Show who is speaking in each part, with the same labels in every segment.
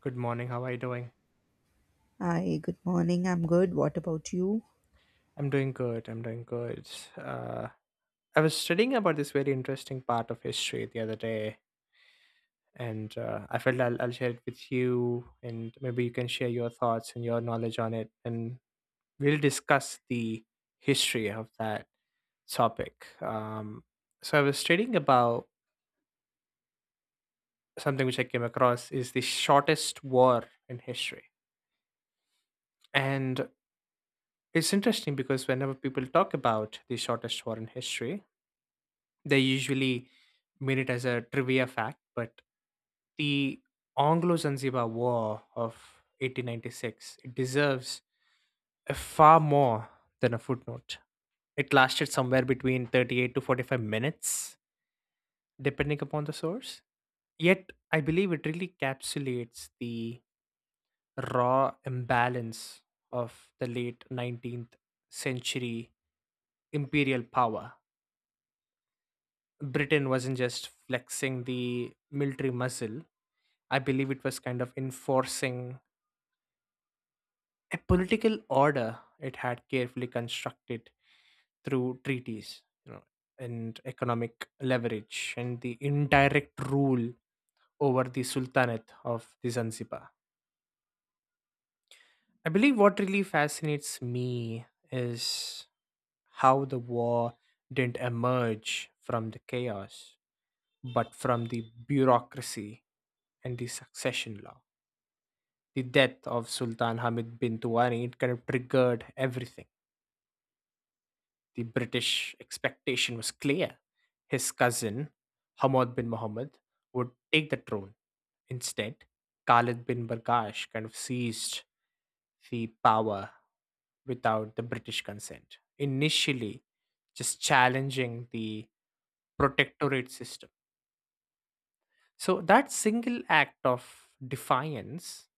Speaker 1: Good morning. How are you doing?
Speaker 2: Hi, good morning. I'm good. What about you?
Speaker 1: I'm doing good. I'm doing good. Uh, I was studying about this very interesting part of history the other day, and I felt I'll share it with you, and maybe you can share your thoughts and your knowledge on it, and we'll discuss the history of that topic. So I was studying about something which I came across is the shortest war in history, and it's interesting because whenever people talk about the shortest war in history, they usually mean it as a trivia fact, but the Anglo Zanzibar War of 1896, it deserves a far more than a footnote. It lasted somewhere between 38 to 45 minutes, depending upon the source. Yet, I believe it really encapsulates the raw imbalance of the late 19th century imperial power. Britain wasn't just flexing the military muscle. I believe it was kind of enforcing a political order it had carefully constructed through treaties, and economic leverage and the indirect rule over the Sultanate of the Zanzibar. I believe what really fascinates me is how the war didn't emerge from the chaos, but from the bureaucracy and the succession law. The death of Sultan Hamid bin Tuwani, it kind of triggered everything. The British expectation was clear. His cousin, Hamad bin Muhammad, would take the throne. Instead, Khalid bin Bargash kind of seized the power without the British consent, initially just challenging the protectorate system. So that single act of defiance,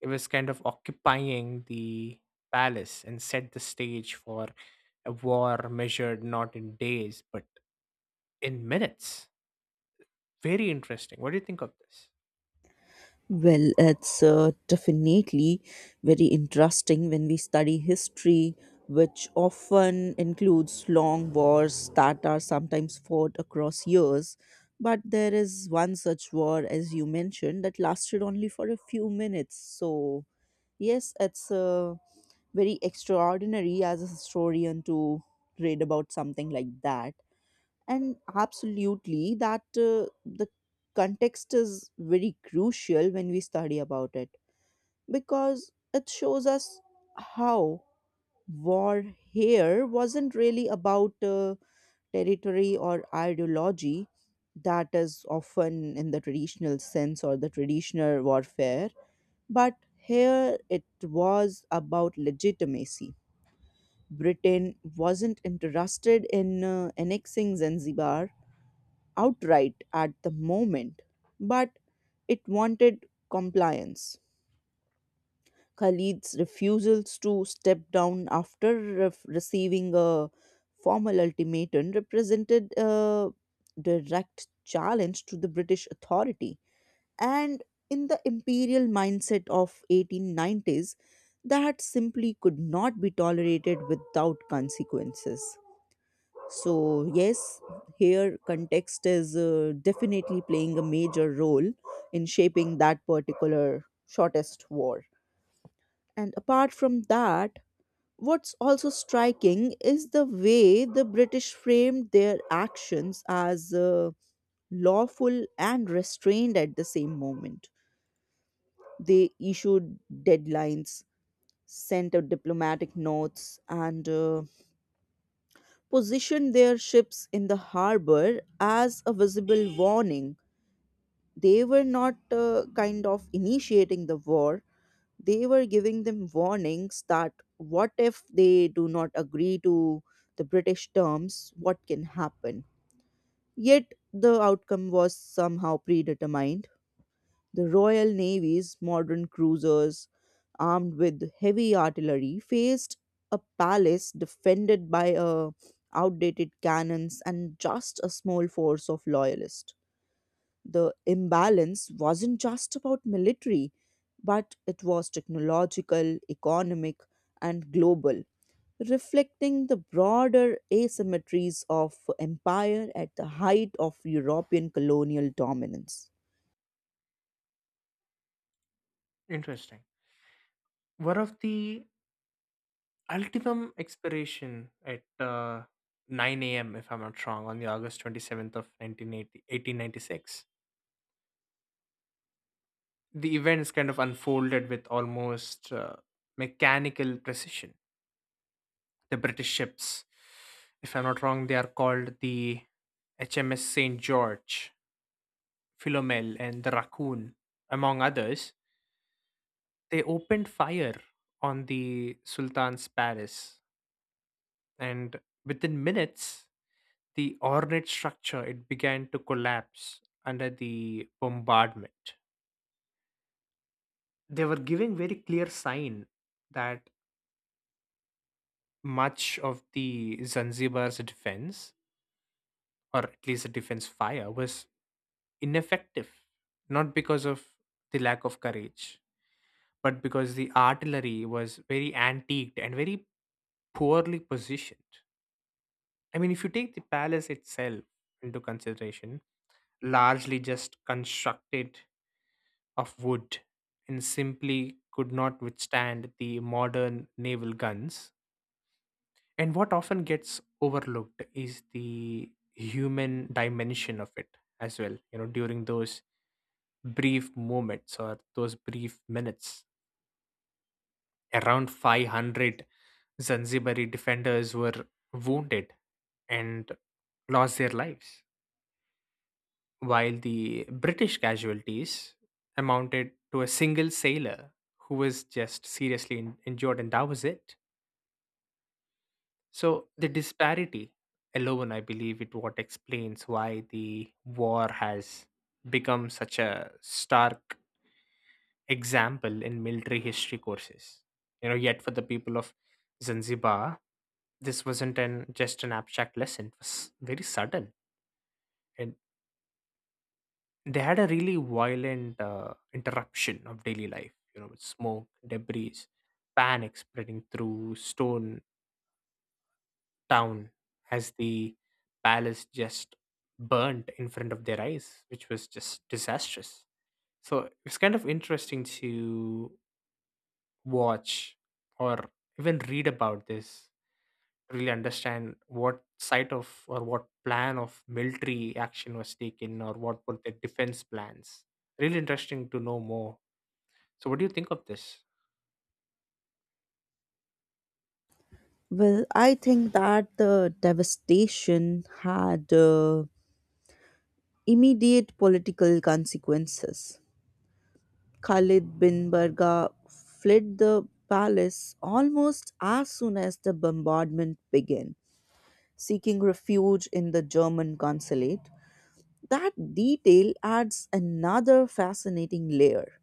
Speaker 1: it was kind of occupying the palace and set the stage for a war measured not in days but in minutes. Very interesting. What do you think of this?
Speaker 2: Well, it's definitely very interesting when we study history, which often includes long wars that are sometimes fought across years. But there is one such war, as you mentioned, that lasted only for a few minutes. So, yes, it's very extraordinary as a historian to read about something like that. And absolutely that the context is very crucial when we study about it because it shows us how war here wasn't really about territory or ideology that is often in the traditional sense or the traditional warfare, but here it was about legitimacy. Britain wasn't interested in annexing Zanzibar outright at the moment, but it wanted compliance. Khalid's refusals to step down after receiving a formal ultimatum represented a direct challenge to the British authority. And in the imperial mindset of 1890s, that simply could not be tolerated without consequences. So, yes, here context is definitely playing a major role in shaping that particular shortest war. And apart from that, what's also striking is the way the British framed their actions as lawful and restrained at the same moment. They issued deadlines, sent out diplomatic notes, and positioned their ships in the harbor as a visible warning. They were not kind of initiating the war, they were giving them warnings that what if they do not agree to the British terms, what can happen. Yet the outcome was somehow predetermined. The royal navy's modern cruisers armed with heavy artillery faced a palace defended by outdated cannons and just a small force of loyalists. The imbalance wasn't just about military, but it was technological, economic, and global, reflecting the broader asymmetries of empire at the height of European colonial dominance.
Speaker 1: Interesting. One of the ultimum expiration at 9 a.m., if I'm not wrong, on the August 27th of nineteen eighty 1896, 1896. The events kind of unfolded with almost mechanical precision. The British ships, if I'm not wrong, they are called the HMS St. George, Philomel, and the Raccoon, among others. They opened fire on the Sultan's palace, and within minutes, the ornate structure it began to collapse under the bombardment. They were giving very clear sign that much of the Zanzibar's defense, or at least the defense fire, was ineffective, not because of the lack of courage, but because the artillery was very antiqued and very poorly positioned. I mean, if you take the palace itself into consideration, largely just constructed of wood and simply could not withstand the modern naval guns. And what often gets overlooked is the human dimension of it as well. You know, during those brief moments or those brief minutes, around 500 Zanzibari defenders were wounded and lost their lives, while the British casualties amounted to a single sailor who was just seriously injured, and that was it. So the disparity alone, I believe, it what explains why the war has become such a stark example in military history courses. You know, yet for the people of Zanzibar, this wasn't an just an abstract lesson. It was very sudden, and they had a really violent interruption of daily life. You know, with smoke, debris, panic spreading through Stone Town as the palace just burnt in front of their eyes, which was just disastrous. So it's kind of interesting to watch or even read about this, really understand what side of or what plan of military action was taken or what were the defense plans. Really interesting to know more. So, what do you think of this?
Speaker 2: Well, I think that the devastation had immediate political consequences. Khalid bin Barga fled the palace almost as soon as the bombardment began, seeking refuge in the German consulate. That detail adds another fascinating layer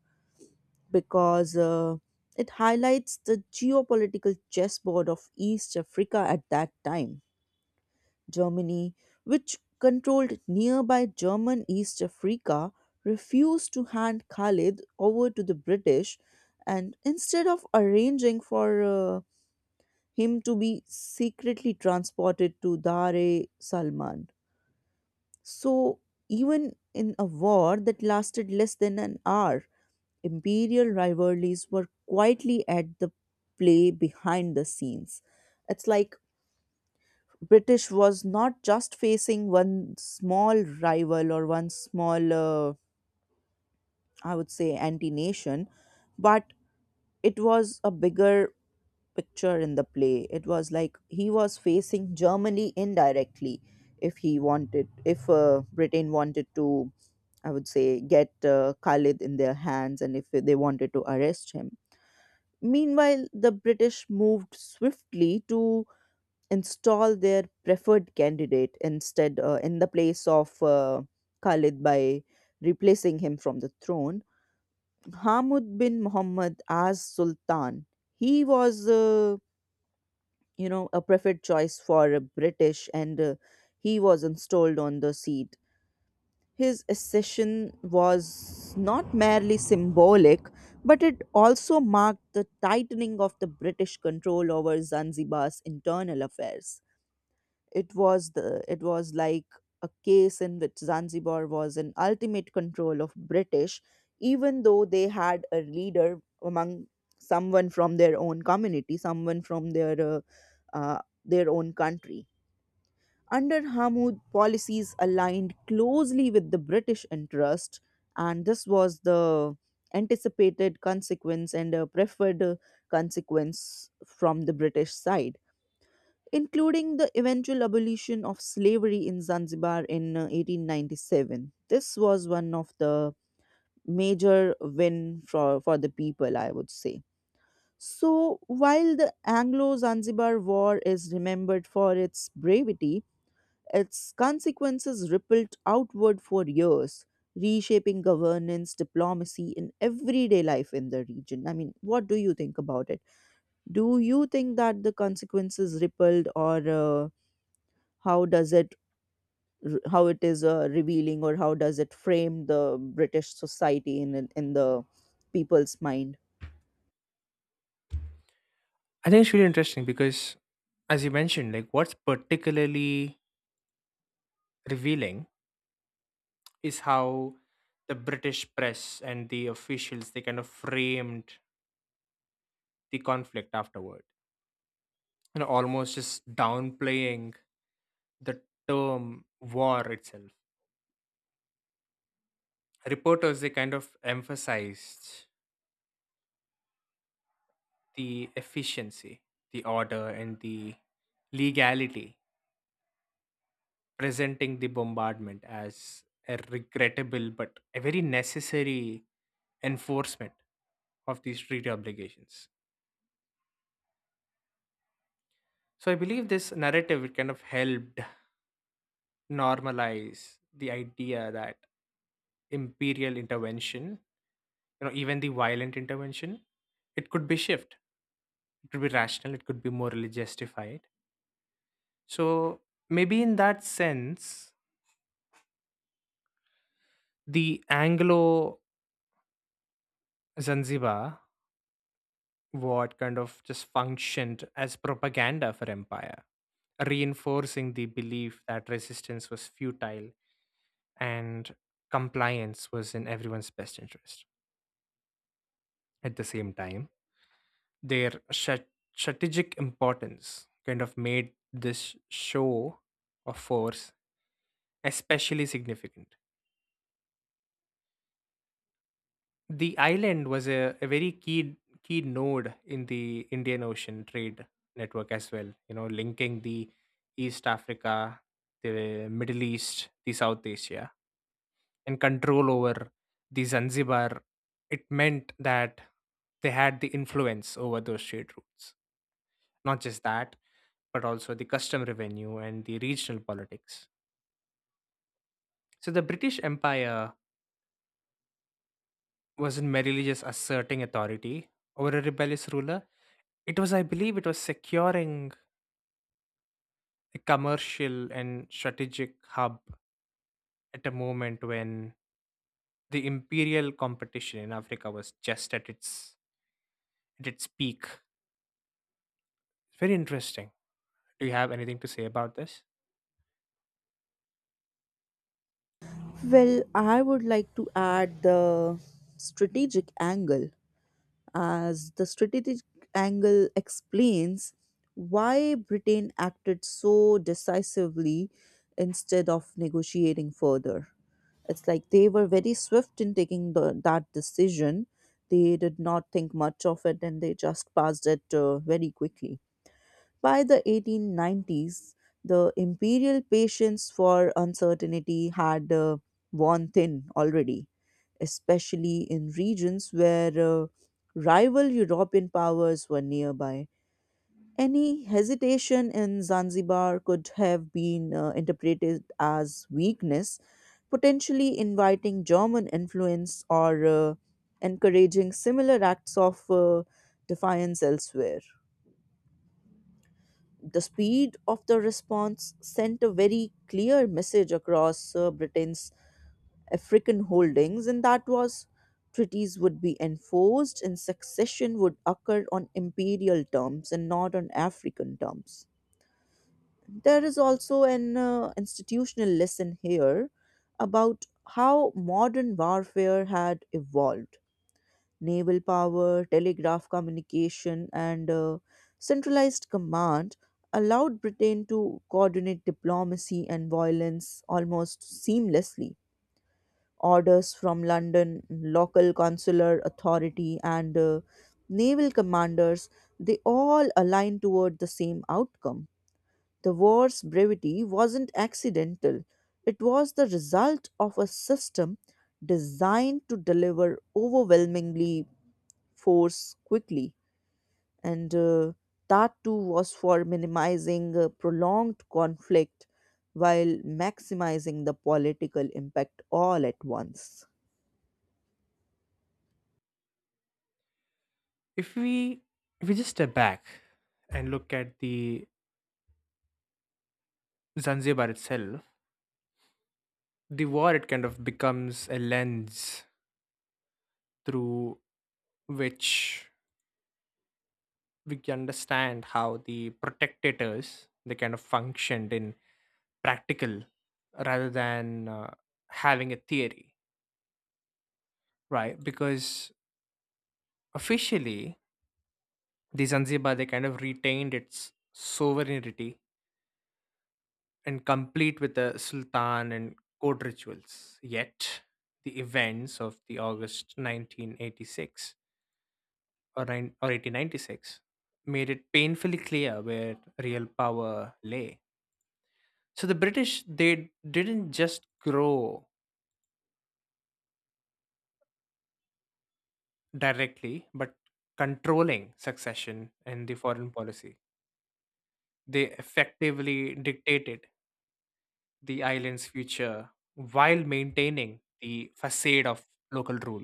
Speaker 2: because it highlights the geopolitical chessboard of East Africa at that time. Germany, which controlled nearby German East Africa, refused to hand Khalid over to the British and instead of arranging for him to be secretly transported to Dar es Salman. So, even in a war that lasted less than an hour, imperial rivalries were quietly at the play behind the scenes. It's like British was not just facing one small rival or one small, I would say, anti nation, but it was a bigger picture in the play. It was like he was facing Germany indirectly if he wanted, if Britain wanted to, I would say, get Khalid in their hands and if they wanted to arrest him. Meanwhile, the British moved swiftly to install their preferred candidate instead, in the place of Khalid, by replacing him from the throne. Hamid bin Muhammad as Sultan. He was you know, a preferred choice for a British, and he was installed on the seat. His accession was not merely symbolic, but it also marked the tightening of the British control over Zanzibar's internal affairs. It was like a case in which Zanzibar was in ultimate control of British, even though they had a leader among someone from their own community, someone from their own country. Under Hamud, policies aligned closely with the British interest, and this was the anticipated consequence and a preferred consequence from the British side, including the eventual abolition of slavery in Zanzibar in 1897. This was one of the major win for the people, I would say. So while the Anglo-Zanzibar War is remembered for its bravery, its consequences rippled outward for years, reshaping governance, diplomacy, and everyday life in the region. I mean, what do you think about it? Do you think that the consequences rippled or how does it how it is revealing, or how does it frame the British society in the people's mind?
Speaker 1: I think it's really interesting because, as you mentioned, like what's particularly revealing is how the British press and the officials they kind of framed the conflict afterward, you know, almost just downplaying the term war itself. Reporters they kind of emphasized the efficiency, the order, and the legality, presenting the bombardment as a regrettable but a very necessary enforcement of these treaty obligations. So I believe this narrative it kind of helped normalize the idea that imperial intervention, you know even the violent intervention, it could be shift, it could be rational, it could be morally justified. So maybe in that sense the Anglo Zanzibar War kind of just functioned as propaganda for empire, reinforcing the belief that resistance was futile and compliance was in everyone's best interest. At the same time, their strategic importance kind of made this show of force especially significant. The island was a very key node in the Indian Ocean trade network as well, you know, linking the East Africa, the Middle East, the South Asia, and control over the Zanzibar. It meant that they had the influence over those trade routes. Not just that, but also the custom revenue and the regional politics. So the British Empire wasn't merely just asserting authority over a rebellious ruler, it was, I believe, it was securing a commercial and strategic hub at a moment when the imperial competition in Africa was just at its peak. Very interesting. Do you have anything to say about this?
Speaker 2: Well, I would like to add the strategic angle, as the strategic angle explains why Britain acted so decisively instead of negotiating further. It's like they were very swift in taking that decision. They did not think much of it and they just passed it very quickly. By the 1890s, the imperial patience for uncertainty had worn thin already, especially in regions where rival European powers were nearby. Any hesitation in Zanzibar could have been interpreted as weakness, potentially inviting German influence or encouraging similar acts of defiance elsewhere. The speed of the response sent a very clear message across Britain's African holdings, and that was treaties would be enforced and succession would occur on imperial terms and not on African terms. There is also an institutional lesson here about how modern warfare had evolved. Naval power, telegraph communication, and centralized command allowed Britain to coordinate diplomacy and violence almost seamlessly. Orders from London, local consular authority, and naval commanders, they all aligned toward the same outcome. The war's brevity wasn't accidental, it was the result of a system designed to deliver overwhelmingly force quickly, and that too was for minimizing prolonged conflict while maximizing the political impact all at once.
Speaker 1: If we if we just step back and look at the Zanzibar itself, the war it kind of becomes a lens through which we can understand how the protectators they kind of functioned in practical rather than having a theory, right? Because officially the Zanzibar they kind of retained its sovereignty and complete with the Sultan and court rituals, yet the events of the August 1986 or, nine, or 1896 made it painfully clear where real power lay. So the British, they didn't just grow directly, but controlling succession and the foreign policy. They effectively dictated the island's future while maintaining the facade of local rule.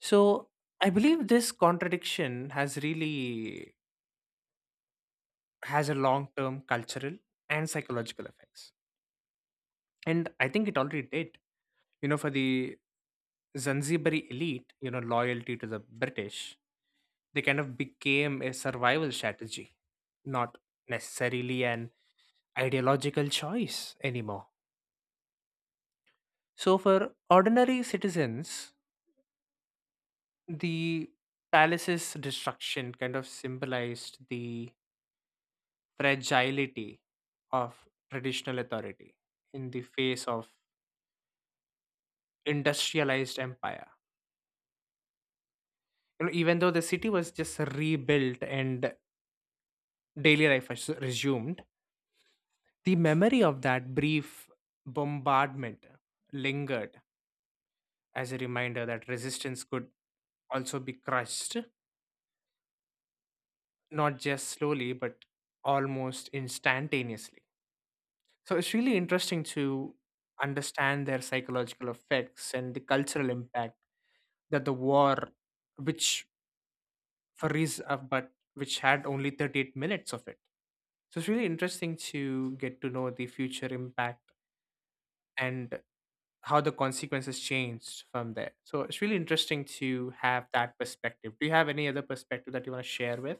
Speaker 1: So I believe this contradiction has really has a long-term cultural and psychological effects. And I think it already did. You know for the Zanzibari elite, you know loyalty to the British, they kind of became a survival strategy, not necessarily an ideological choice anymore. So for ordinary citizens, the palace's destruction kind of symbolized the fragility of traditional authority in the face of industrialized empire. You know even though the city was just rebuilt and daily life was resumed, the memory of that brief bombardment lingered as a reminder that resistance could also be crushed, not just slowly, but almost instantaneously. So it's really interesting to understand their psychological effects and the cultural impact that the war, which for reason, but which had only 38 minutes of it. So it's really interesting to get to know the future impact and how the consequences changed from there. So it's really interesting to have that perspective. Do you have any other perspective that you want to share with?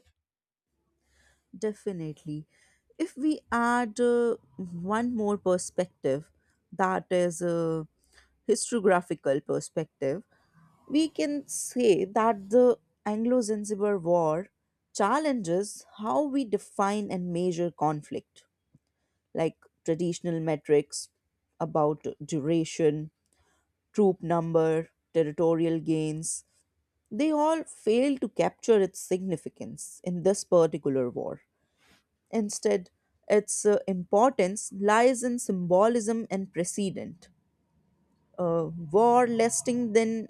Speaker 2: Definitely. If we add one more perspective, that is, a historiographical perspective, we can say that the Anglo Zanzibar War challenges how we define and measure conflict, like traditional metrics about duration, troop number, territorial gains. They all fail to capture its significance in this particular war. Instead, its importance lies in symbolism and precedent. A war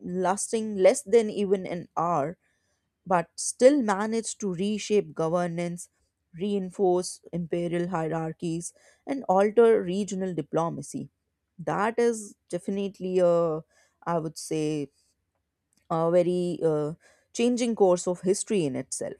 Speaker 2: lasting less than even an hour but still managed to reshape governance, reinforce imperial hierarchies, and alter regional diplomacy. That is definitely a, I would say, a very changing course of history in itself.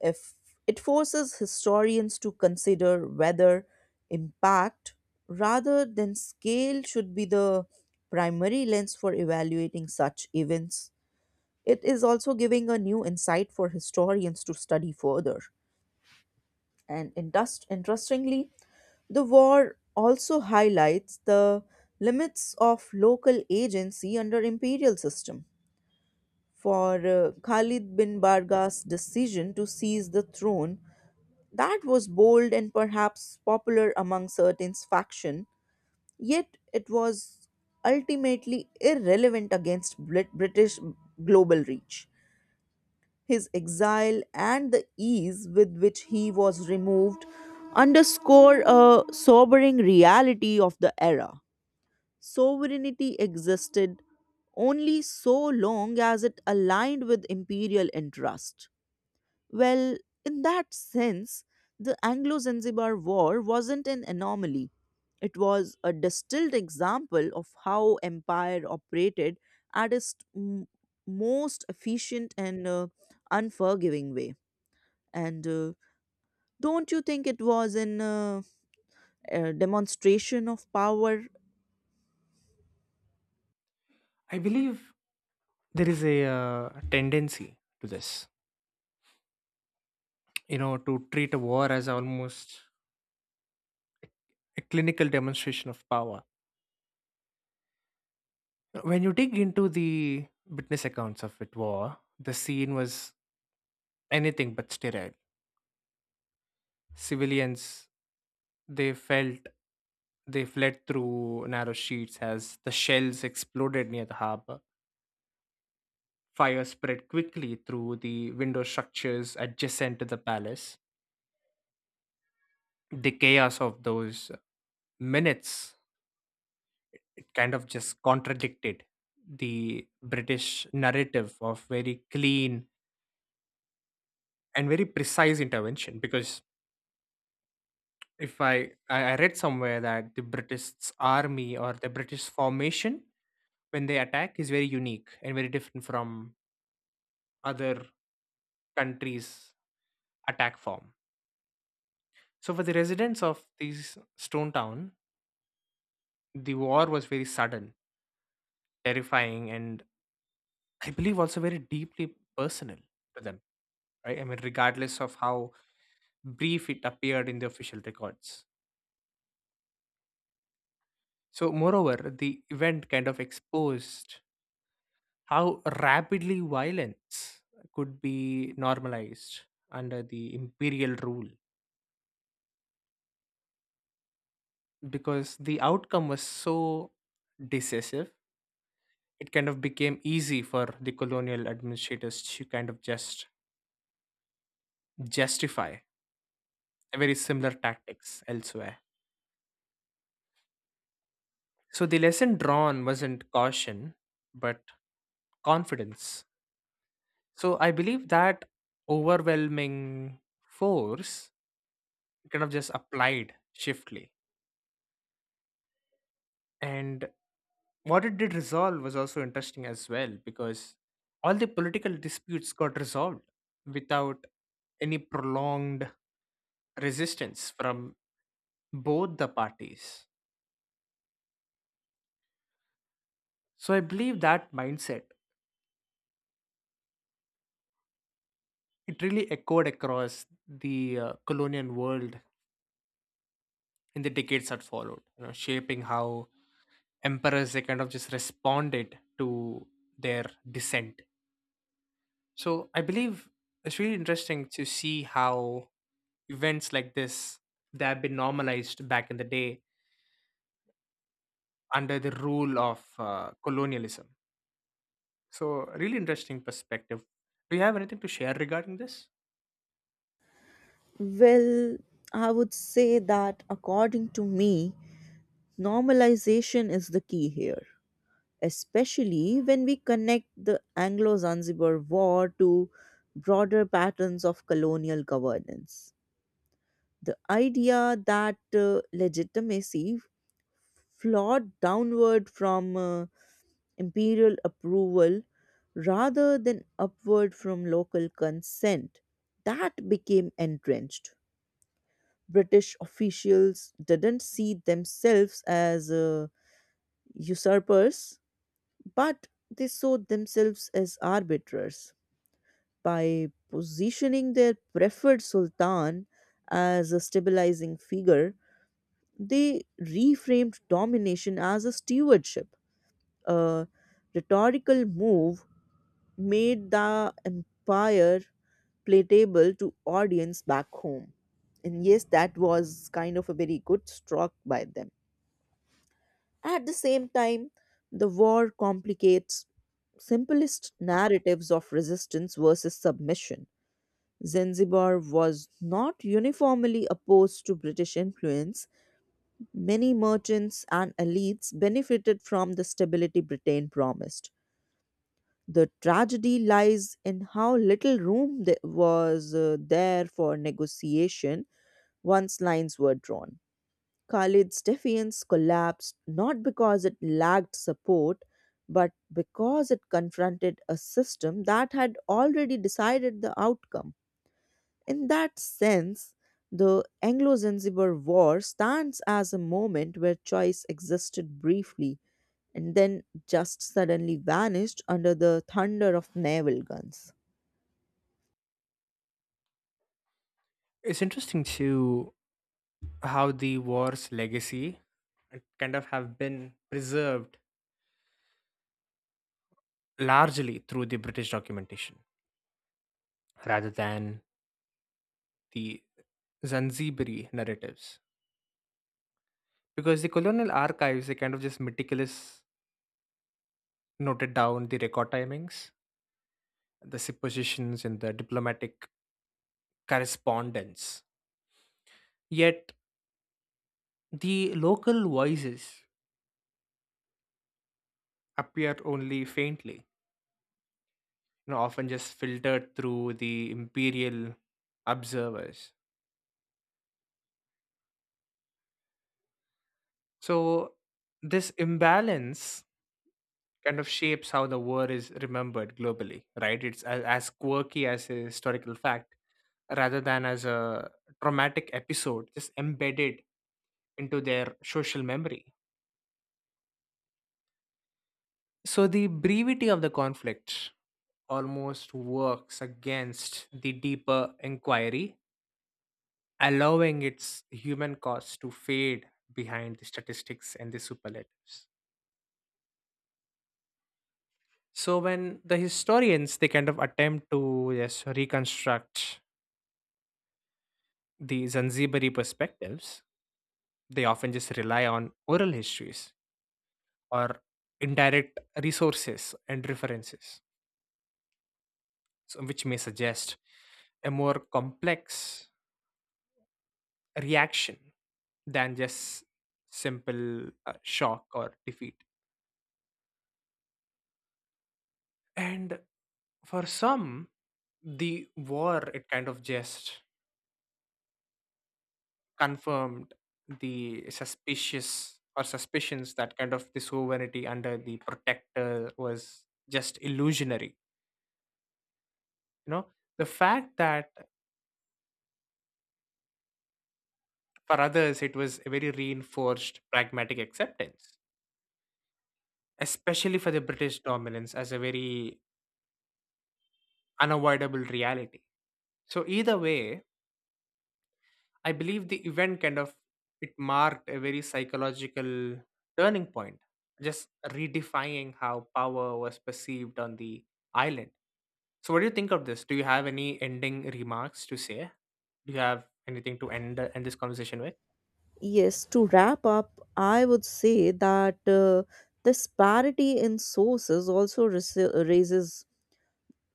Speaker 2: If it forces historians to consider whether impact rather than scale should be the primary lens for evaluating such events. It is also giving a new insight for historians to study further. And interestingly, the war also highlights the limits of local agency under imperial system. For Khalid bin Barga's decision to seize the throne, that was bold and perhaps popular among certain faction, yet it was ultimately irrelevant against British global reach. His exile, and the ease with which he was removed underscore a sobering reality of the era. Sovereignty existed only so long as it aligned with imperial interest. Well, in that sense, the Anglo Zanzibar War wasn't an anomaly. It was a distilled example of how empire operated at its most efficient and unforgiving way. And don't you think it was an a demonstration of power?
Speaker 1: I believe there is a tendency to this, you know, to treat a war as almost a clinical demonstration of power. When you dig into the witness accounts of it war, the scene was anything but sterile. Civilians they felt they fled through narrow streets as the shells exploded near the harbor. Fire spread quickly through the window structures adjacent to the palace. The chaos of those minutes it kind of just contradicted the British narrative of very clean and very precise intervention, because if I, I read somewhere that the British army or the British formation when they attack is very unique and very different from other countries' attack form. So for the residents of these Stone Town, the war was very sudden, terrifying, and I believe also very deeply personal to them, right? I mean, regardless of how brief it appeared in the official records. So, moreover, the event kind of exposed how rapidly violence could be normalized under the imperial rule, because the outcome was so decisive it kind of became easy for the colonial administrators to kind of just justify very similar tactics elsewhere. So the lesson drawn wasn't caution, but confidence. So I believe that overwhelming force kind of just applied shiftly. And what it did resolve was also interesting as well, because all the political disputes got resolved without any prolonged resistance from both the parties. So I believe that mindset, it really echoed across the colonial world in the decades that followed, you know, shaping how emperors they kind of just responded to their descent. So I believe it's really interesting to see how events like this they have been normalized back in the day under the rule of colonialism. So really interesting perspective. Do you have anything to share regarding this?
Speaker 2: Well, I would say that according to me, normalization is the key here, especially when we connect the Anglo Zanzibar War to broader patterns of colonial governance. The idea that legitimacy flowed downward from imperial approval rather than upward from local consent, that became entrenched. British officials didn't see themselves as usurpers, but they saw themselves as arbiters. By positioning their preferred sultan as a stabilizing figure, they reframed domination as a stewardship, a rhetorical move made the empire palatable to audience back home. And yes, that was kind of a very good stroke by them. At the same time, the war complicates simplest narratives of resistance versus submission. Zanzibar was not uniformly opposed to British influence. Many merchants and elites benefited from the stability Britain promised. The tragedy lies in how little room there was there for negotiation once lines were drawn. Khalid's defiance collapsed not because it lacked support, but because it confronted a system that had already decided the outcome. In that sense, the Anglo Zanzibar War stands as a moment where choice existed briefly and then just suddenly vanished under the thunder of naval guns.
Speaker 1: It's interesting to how the war's legacy kind of have been preserved largely through the British documentation rather than the Zanzibari narratives. Because the colonial archives, they kind of just meticulous noted down the record timings, the suppositions, and the diplomatic correspondence. Yet the local voices appear only faintly, you know, often just filtered through the imperial observers. So this imbalance kind of shapes how the war is remembered globally, right? It's as quirky as a historical fact rather than as a traumatic episode, just embedded into their social memory. So the brevity of the conflict almost works against the deeper inquiry, allowing its human cost to fade behind the statistics and the superlatives. So when the historians they kind of attempt to just reconstruct the Zanzibari perspectives, they often just rely on oral histories or indirect resources and references, so which may suggest a more complex reaction than just simple shock or defeat. And for some, the war, it kind of just confirmed the suspicious or suspicions that kind of the sovereignty under the protector was just illusionary. You know the fact that for others it was a very reinforced pragmatic acceptance, especially for the British dominance as a very unavoidable reality. So either way, I believe the event kind of it marked a very psychological turning point, just redefining how power was perceived on the island. So what do you think of this? Do you have any ending remarks to say? Do you have anything to end this conversation with?
Speaker 2: Yes, to wrap up, I would say that this parity in sources also raises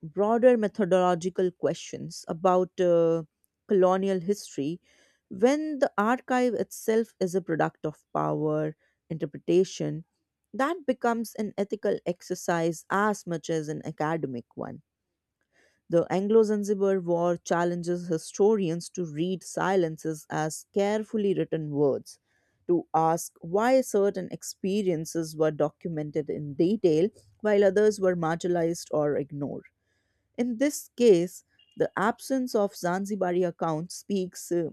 Speaker 2: broader methodological questions about colonial history. When the archive itself is a product of power, interpretation that becomes an ethical exercise as much as an academic one. The Anglo-Zanzibar War challenges historians to read silences as carefully written words, to ask why certain experiences were documented in detail while others were marginalized or ignored. In this case, the absence of Zanzibari accounts speaks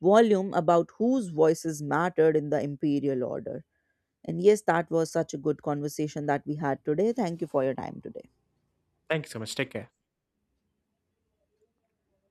Speaker 2: volume about whose voices mattered in the imperial order. And yes, that was such a good conversation that we had today. Thank you for your time today.
Speaker 1: Thank you so much. Take care.